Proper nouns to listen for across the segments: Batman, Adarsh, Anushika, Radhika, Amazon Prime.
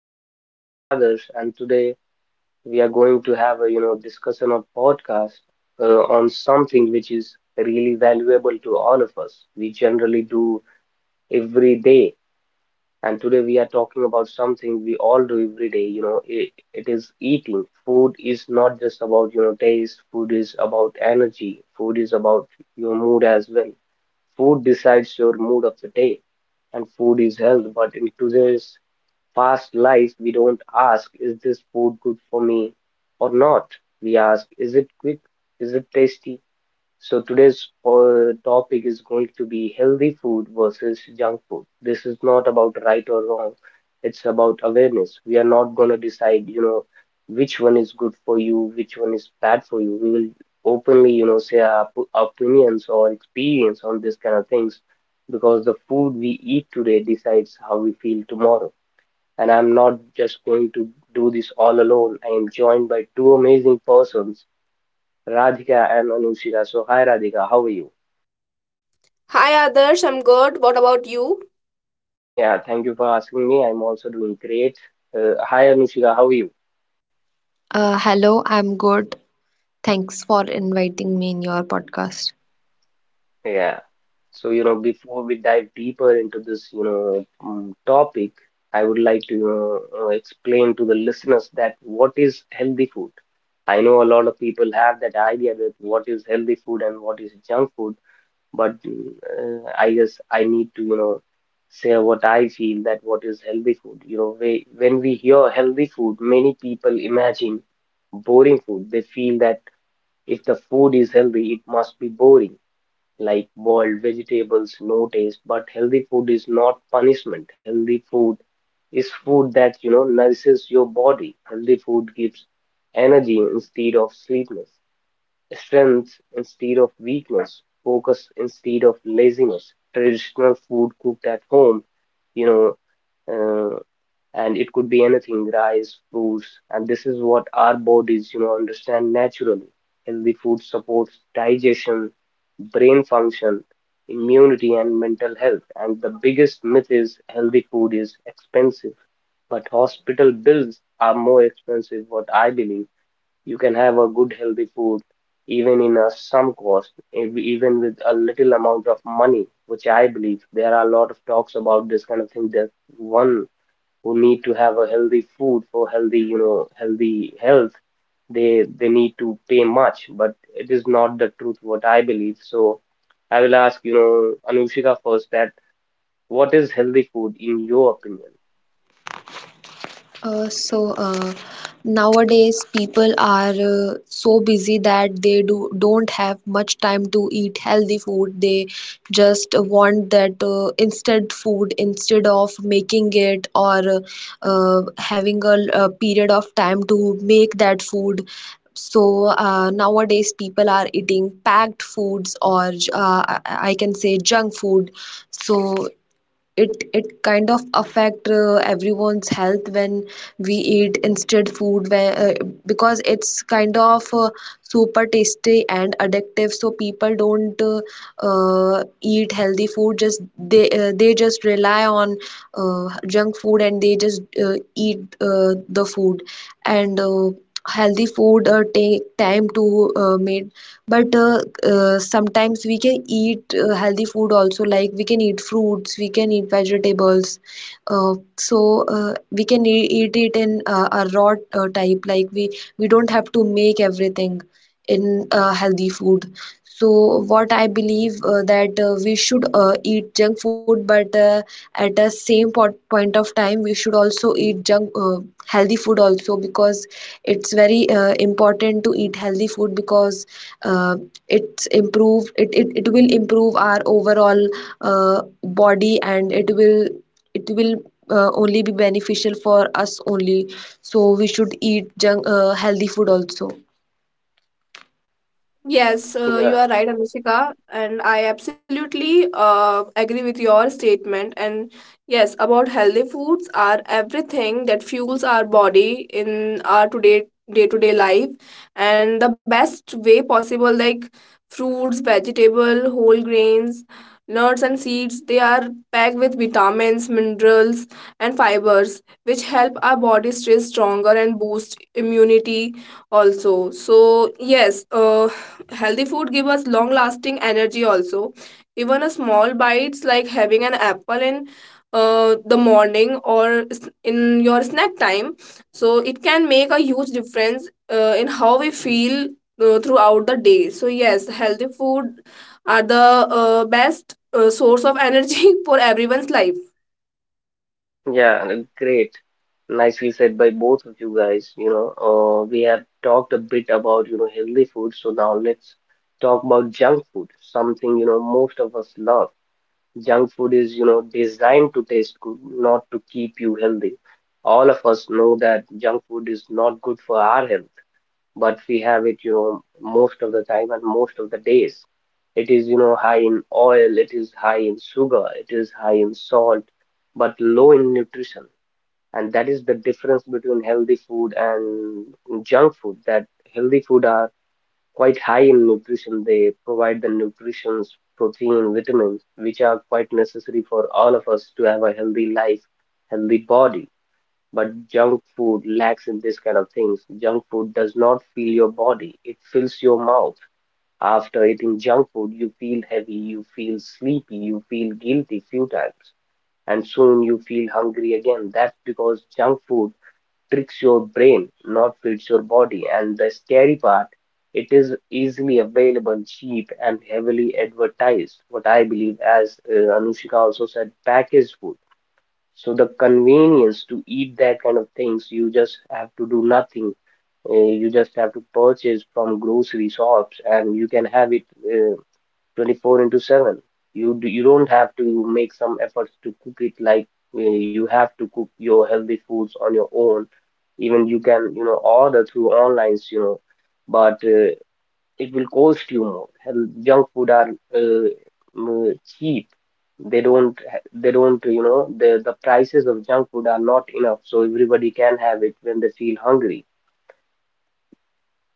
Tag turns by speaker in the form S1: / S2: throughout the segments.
S1: I'm your host Adarsh, and today we are going to have a discussion or podcast on something which is really valuable to all of us. We generally do every day, and today we are talking about something we all do every day. It is eating. Food is not just about taste. Food is about energy. Food is about your mood as well. Food decides your mood of the day, and food is health. But in today's fast life, we don't ask, is this food good for me or not? We ask, is it quick? Is it tasty? So today's topic is going to be healthy food versus junk food. This is not about right or wrong. It's about awareness. We are not going to decide, which one is good for you, which one is bad for you. We will openly, say our opinions or experience on this kind of things, because the food we eat today decides how we feel tomorrow. And I'm not just going to do this all alone. I am joined by two amazing persons, Radhika and Anushika. So, hi Radhika, how are you?
S2: Hi Adarsh, I'm good. What about you?
S1: Yeah, thank you for asking me. I'm also doing great. Hi Anushika, how are you?
S3: Hello, I'm good. Thanks for inviting me in your podcast.
S1: Yeah. So, before we dive deeper into this, topic, I would like to, explain to the listeners that what is healthy food. I know a lot of people have that idea that what is healthy food and what is junk food, but I guess I need to, say what I feel that what is healthy food. When we hear healthy food, many people imagine boring food. They feel that if the food is healthy, it must be boring, like boiled vegetables, no taste. But healthy food is not punishment. Healthy food is food that, nourishes your body. Healthy food gives energy instead of sweetness, strength instead of weakness, focus instead of laziness, traditional food cooked at home, you know, uh, and it could be anything, rice, fruits, and this is what our bodies, understand naturally. Healthy food supports digestion, brain function, immunity, and mental health. And the biggest myth is healthy food is expensive, but hospital bills are more expensive. What I believe, you can have a good healthy food even in a some cost, even with a little amount of money, which I believe there are a lot of talks about this kind of thing, that one who need to have a healthy food for healthy, healthy health, they need to pay much, but it is not the truth, what I believe. So I will ask, Anushika first, that what is healthy food in your opinion?
S3: Uh, so uh, Nowadays people are so busy that they do don't have much time to eat healthy food. They just want that instant food instead of making it or having a period of time to make that food. Nowadays people are eating packed foods or I can say junk food. So it kind of affect everyone's health when we eat instant food where, because it's kind of super tasty and addictive, so people don't eat healthy food, just they just rely on junk food, and they just eat the food. And Healthy food take time to made, but sometimes we can eat healthy food also. Like we can eat fruits, we can eat vegetables, we can eat it in a raw type. Like we don't have to make everything in healthy food. So what I believe that we should eat junk food, but at the same point of time we should also eat junk healthy food also, because it's very important to eat healthy food, because uh, it will improve our overall body, and it will only be beneficial for us only. So we should eat junk healthy food also.
S2: Yes, you
S1: Yeah.
S2: are right, Anushika, and I absolutely agree with your statement. And yes, about healthy foods are everything that fuels our body in our today day-to-day life, and the best way possible, like fruits, vegetable, whole grains, nuts, and seeds. They are packed with vitamins, minerals, and fibers, which help our body stay stronger and boost immunity also. So yes, healthy food give us long lasting energy also. Even a small bites like having an apple in the morning or in your snack time, so it can make a huge difference in how we feel throughout the day. So yes, healthy food are the best source of energy for everyone's life.
S1: Yeah, and great. Nicely said by both of you guys. We have talked a bit about, healthy food, so now let's talk about junk food, something, most of us love. Junk food is, designed to taste good, not to keep you healthy. All of us know that junk food is not good for our health, but we have it, most of the time and most of the days. It is, high in oil, it is high in sugar, it is high in salt, but low in nutrition, and that is the difference between healthy food and junk food, that healthy food are quite high in nutrition. They provide the nutritions, protein, vitamins, which are quite necessary for all of us to have a healthy life, healthy body. But junk food lacks in this kind of things. Junk food does not fill your body, it fills your mouth. After eating junk food, you feel heavy, you feel sleepy, you feel guilty few times, and soon you feel hungry again. That's because junk food tricks your brain, not feeds your body. And the scary part, it is easily available, cheap, and heavily advertised. What I believe, as Anushika also said, packaged food. So the convenience to eat that kind of things, you just have to do nothing. You just have to purchase from grocery shops, and you can have it 24 into 7. You don't have to make some efforts to cook it, like you have to cook your healthy foods on your own. Even you can order through online but it will cost you more. Hell, junk food are uh, mm, cheap. They don't the prices of junk food are not enough, so everybody can have it when they feel hungry.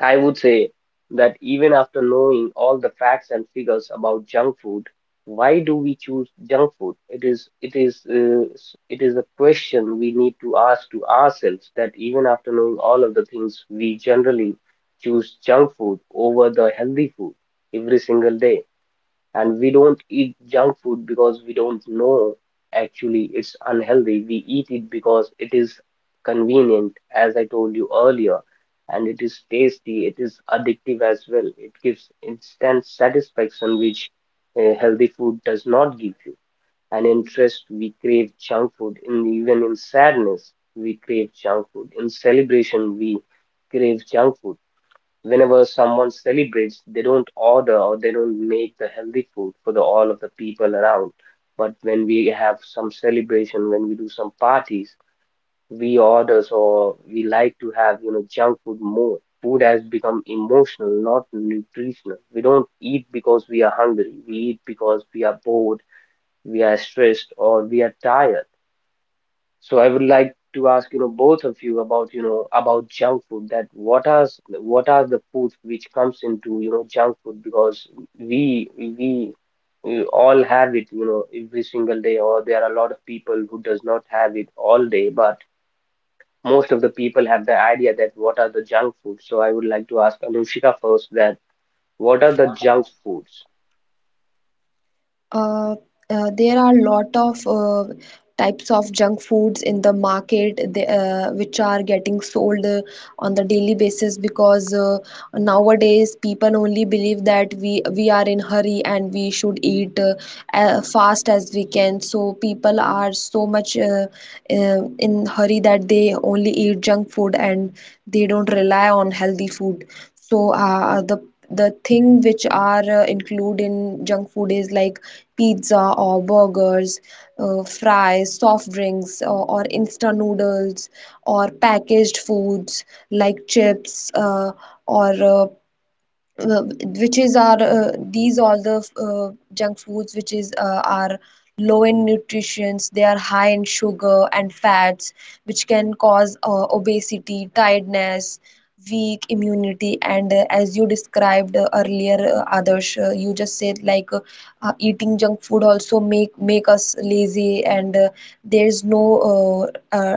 S1: I would say that even after knowing all the facts and figures about junk food, why do we choose junk food? It is a question we need to ask to ourselves, that even after knowing all of the things, we generally choose junk food over the healthy food every single day. And we don't eat junk food because we don't know actually it's unhealthy. We eat it because it is convenient, as I told you earlier, and it is tasty, it is addictive as well. It gives instant satisfaction, which healthy food does not give you. And in stress, we crave junk food. In, even in sadness, we crave junk food. In celebration, we crave junk food. Whenever someone celebrates, they don't order or they don't make the healthy food for the all of the people around. But when we have some celebration, when we do some parties, we orders or we like to have, junk food more. Food has become emotional, not nutritional. We don't eat because we are hungry. We eat because we are bored, we are stressed, or we are tired. So I would like to ask, both of you about, about junk food, that what are the foods which comes into, junk food, because we we we all have it, every single day, or there are a lot of people who does not have it all day, but most of the people have the idea that what are the junk foods. So I would like to ask Anushika first, that what are the junk foods?
S3: Uh, there are a lot of types of junk foods in the market which are getting sold on the daily basis, because nowadays people only believe that we are in hurry and we should eat as fast as we can. So people are so much in hurry that they only eat junk food and they don't rely on healthy food. So uh, the the thing which are include in junk food is like pizza or burgers, fries, soft drinks, or instant noodles, or packaged foods like chips, or uh, which is our these all the junk foods which is are low in nutrients. They are high in sugar and fats, which can cause obesity, tiredness, weak immunity. And as you described earlier, Adarsh, you just said like eating junk food also make us lazy. And there's no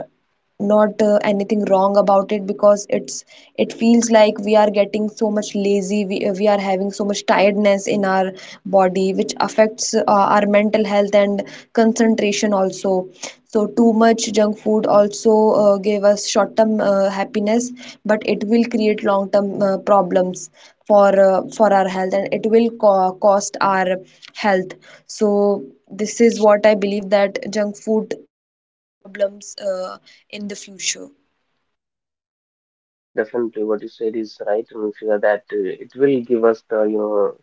S3: not anything wrong about it, because it's it feels like we are getting so much lazy, we are having so much tiredness in our body, which affects our mental health and concentration also. So too much junk food also gave us short term happiness, but it will create long term problems for our health, and it will cost our health. So this is what I believe, that junk food problems in the future?
S1: Yeah, definitely what you said is right, Anushika, that it will give us the,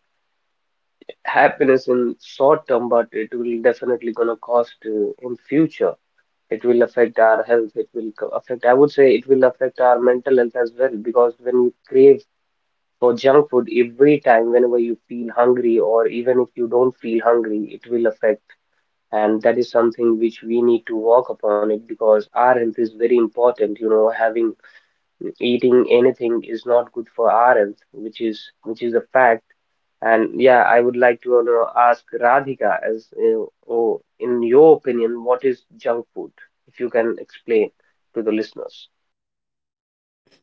S1: happiness in short term, but it will definitely gonna cost in future. It will affect our health. It will co- affect. I would say it will affect our mental health as well, because when you crave for junk food every time, whenever you feel hungry, or even if you don't feel hungry, it will affect. And that is something which we need to work upon it, because our health is very important. You know, having eating anything is not good for our health, which is a fact. And yeah, I would like to ask Radhika, in your opinion, what is junk food? If you can explain to the listeners.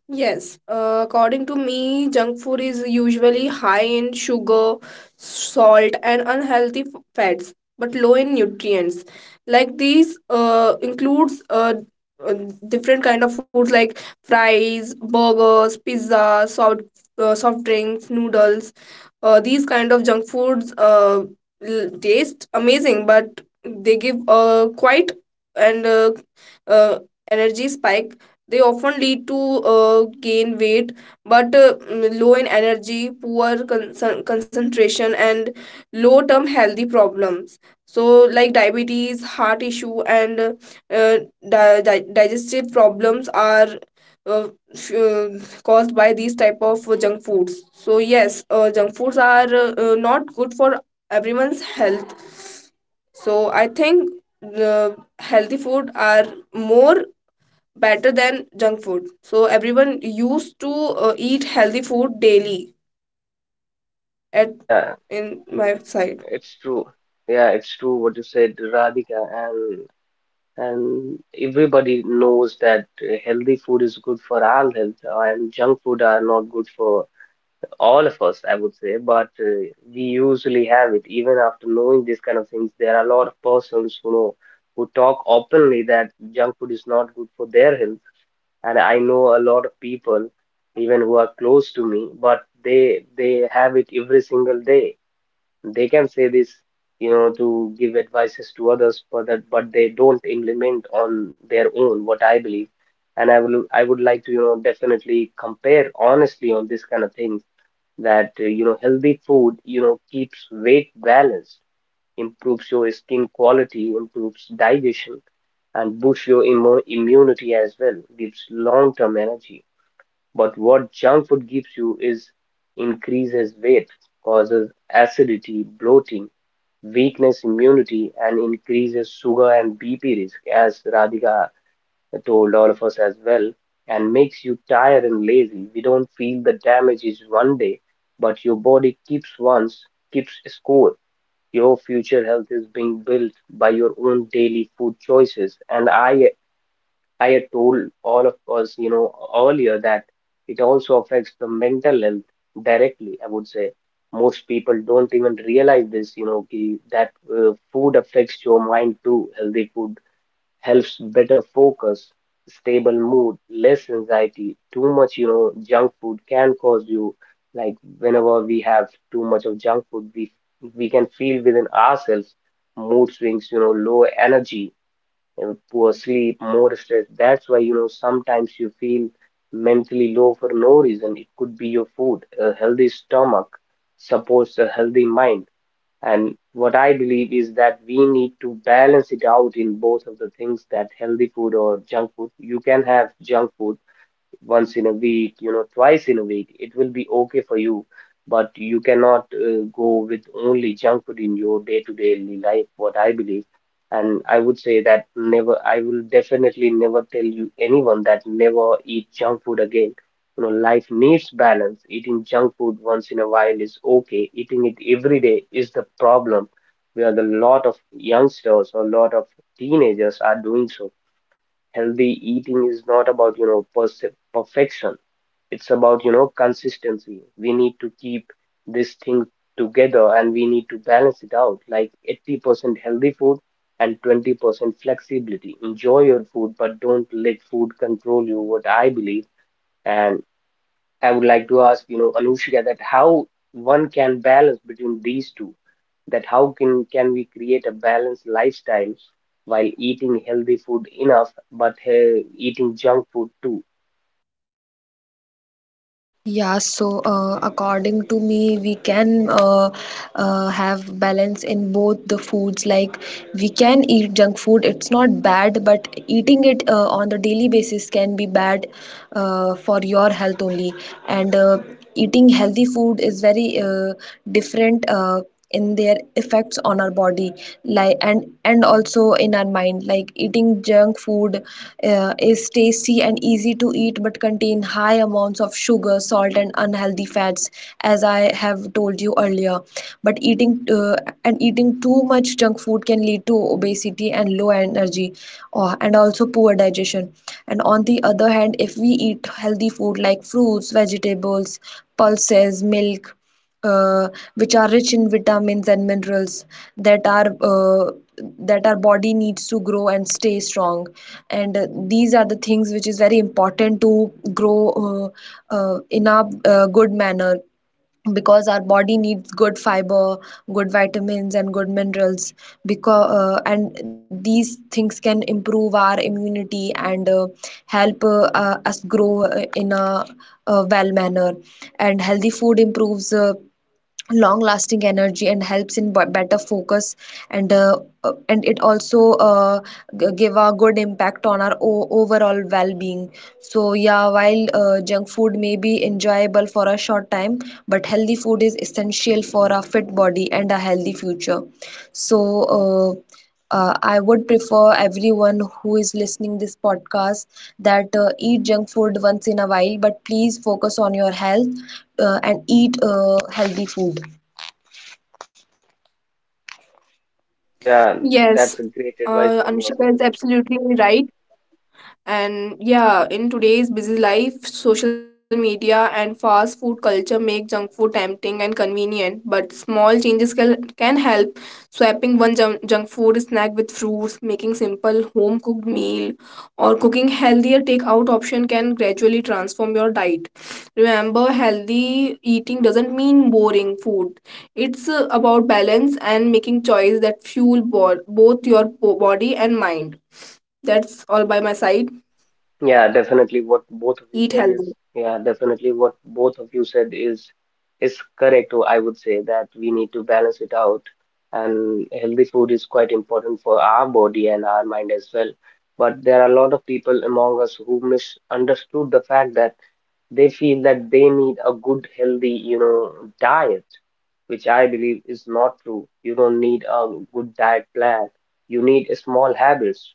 S2: Yes, according to me, junk food is usually high in sugar, salt, and unhealthy fats, but low in nutrients. Like these includes uh, different kind of foods like fries, burgers, pizza, soft drinks, noodles. These kind of junk foods taste amazing, but they give quite and uh, energy spike. They often lead to gain weight, but low in energy, poor concentration, and low term healthy problems. So, like diabetes, heart issue, and uh, digestive problems are uh, sh- uh, caused by these type of junk foods. So yes, junk foods are not good for everyone's health. So I think the healthy food are more better than junk food, so everyone used to eat healthy food daily at
S1: Yeah,
S2: in my side.
S1: it's true. Yeah, it's true what you said, Radhika, and everybody knows that healthy food is good for our health, and junk food are not good for all of us, I would say, but we usually have it even after knowing these kind of things. There are a lot of persons who know, who talk openly that junk food is not good for their health, and I know a lot of people, even who are close to me, but they have it every single day. They can say this, to give advices to others, but they don't implement on their own. What I believe. And I, will, I would like to, definitely compare honestly on this kind of things, that healthy food keeps weight balanced, improves your skin quality, improves digestion, and boosts your immunity as well, gives long-term energy. But what junk food gives you is increases weight, causes acidity, bloating, weakness immunity, and increases sugar and bp risk, as Radhika told all of us as well, and makes you tired and lazy. We don't feel the damage is one day, but your body keeps score. Your future health is being built by your own daily food choices. And I had told all of us, earlier that it also affects the mental health directly, I would say. Most people don't even realize this, that food affects your mind too. Healthy food helps better focus, stable mood, less anxiety. Too much, junk food can cause you, like whenever we have too much of junk food, we can feel within ourselves mood swings, you know, low energy, poor sleep, more stress. That's why, you know, sometimes you feel mentally low for no reason. It could be your food. A healthy stomach supports a healthy mind. And what I believe is that we need to balance it out in both of the things, that healthy food or junk food. You can have junk food once in a week, you know, twice in a week, it will be okay for you. But you cannot go with only junk food in your day-to-day life, what I believe. And I would say that never, I will definitely never tell you anyone that never eat junk food again. You know, life needs balance. Eating junk food once in a while is okay. Eating it every day is the problem, where the lot of youngsters or lot of teenagers are doing so. Healthy eating is not about, you know, perfection, it's about, you know, consistency. We need to keep this thing together and we need to balance it out, like 80% healthy food and 20% flexibility. Enjoy your food, but don't let food control you, what I believe. And I would like to ask, you know, Anushka, that how one can balance between these two, that how can we create a balanced lifestyle while eating healthy food enough, but eating junk food too?
S3: Yeah, so according to me, we can have balance in both the foods. Like we can eat junk food; it's not bad, but eating it on the daily basis can be bad for your health only. And eating healthy food is very different in their effects on our body, like and also in our mind. Like eating junk food is tasty and easy to eat, but contain high amounts of sugar, salt, and unhealthy fats, as I have told you earlier. But eating too much junk food can lead to obesity and low energy, and also poor digestion. And on the other hand, if we eat healthy food like fruits, vegetables, pulses, milk, uh, which are rich in vitamins and minerals that are that our body needs to grow and stay strong. And these are the things which is very important to grow in a good manner, because our body needs good fiber, good vitamins, and good minerals, because and these things can improve our immunity, and help us grow in a well manner. And healthy food improves long lasting energy and helps in better focus. And it also give a good impact on our overall well being. So yeah, while junk food may be enjoyable for a short time, but healthy food is essential for a fit body and a healthy future. So uh, I would prefer everyone who is listening this podcast that eat junk food once in a while, but please focus on your health and eat healthy food.
S1: Yeah,
S2: Yes,
S1: that's a great advice from you.
S2: Anushika is absolutely right. And yeah, in today's busy life, social media and fast food culture make junk food tempting and convenient, but small changes can help. Swapping one junk food snack with fruits, making simple home cooked meal, or cooking healthier takeout option can gradually transform your diet. Remember, healthy eating doesn't mean boring food. It's about balance and making choices that fuel both your body and mind. That's all by my side,
S1: Yeah, definitely what both of you
S2: eat
S1: said is,
S2: healthy.
S1: yeah, definitely what both of you said is correct. So I would say that we need to balance it out, and healthy food is quite important for our body and our mind as well. But there are a lot of people among us who misunderstood the fact that they feel that they need a good healthy, you know, diet, which I believe is not true. You don't need a good diet plan, you need small habits,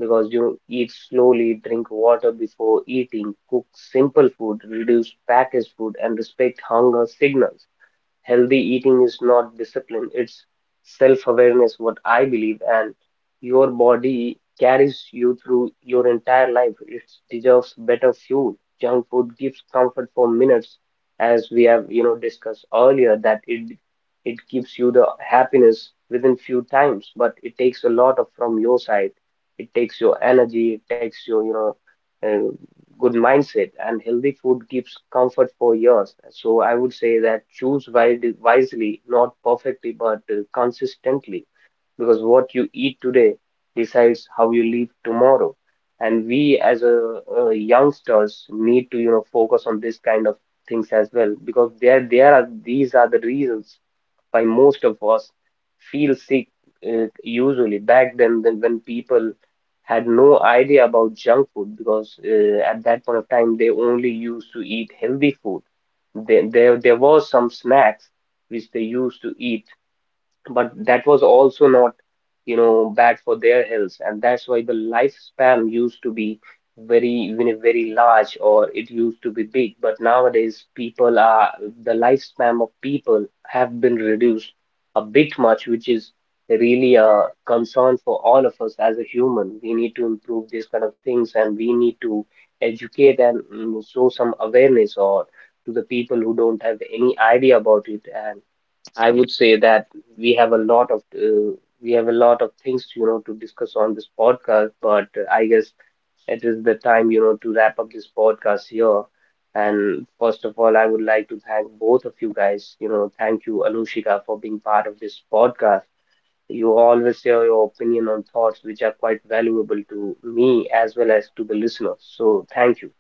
S1: because you eat slowly, drink water before eating, cook simple food, reduce packaged food, and respect hunger signals. Healthy eating is not discipline, it's self-awareness, what I believe. And your body carries you through your entire life. It deserves better fuel. Junk food gives comfort for minutes, as we have, you know, discussed earlier, that it gives you the happiness within few times, but it takes a lot of from your side. It takes your energy, it takes your, you know, uh, good mindset, and healthy food gives comfort for years. So I would say that choose wisely, not perfectly, but consistently, because what you eat today decides how you live tomorrow. And we as a, uh, youngsters need to, you know, focus on this kind of things as well, because there are these are the reasons by most of us feel sick, usually back then than when people had no idea about junk food, because at that point of time they only used to eat healthy food. There was some snacks which they used to eat, but that was also not, you know, bad for their health, and that's why the lifespan used to be very, even very large, or it used to be big. But nowadays people are, the lifespan of people have been reduced a bit much, which is really a concern for all of us. As a human we need to improve these kind of things, and we need to educate and show some awareness or to the people who don't have any idea about it. And I would say that we have a lot of uh, we have a lot of things, you know, to discuss on this podcast, but I guess it is the time, you know, to wrap up this podcast here. And first of all, I would like to thank both of you guys. You know, thank you, Anushika, for being part of this podcast. You always share your opinion on thoughts which are quite valuable to me as well as to the listeners. So thank you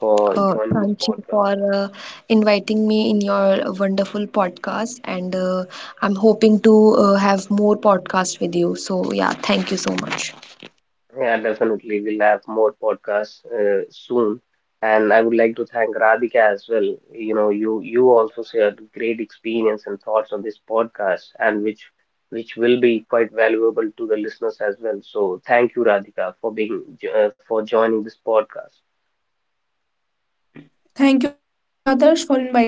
S1: for joining this
S3: Thank you
S1: podcast.
S3: for uh, inviting me in your wonderful podcast. And I'm hoping to have more podcasts with you. So yeah, thank you so much.
S1: Yeah, definitely. We'll have more podcasts soon. And I would like to thank Radhika as well. You know, you also shared great experience and thoughts on this podcast, and which will be quite valuable to the listeners as well. So thank you, Radhika, for being for joining this podcast.
S2: Thank you, Adarsh, for inviting me.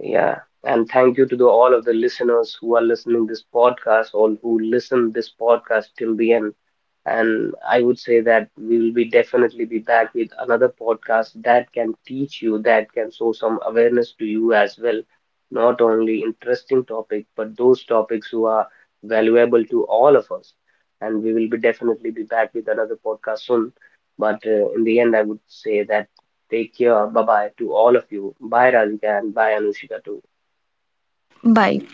S1: Yeah, and thank you to the, all of the listeners who are listening this podcast or who listen this podcast till the end. And I would say that we will be definitely be back with another podcast that can teach you, that can show some awareness to you as well. Not only interesting topic, but those topics who are valuable to all of us. And we will be definitely be back with another podcast soon. But in the end, I would say that take care. Bye bye to all of you. Bye Radhika, and bye Anushika too.
S3: Bye.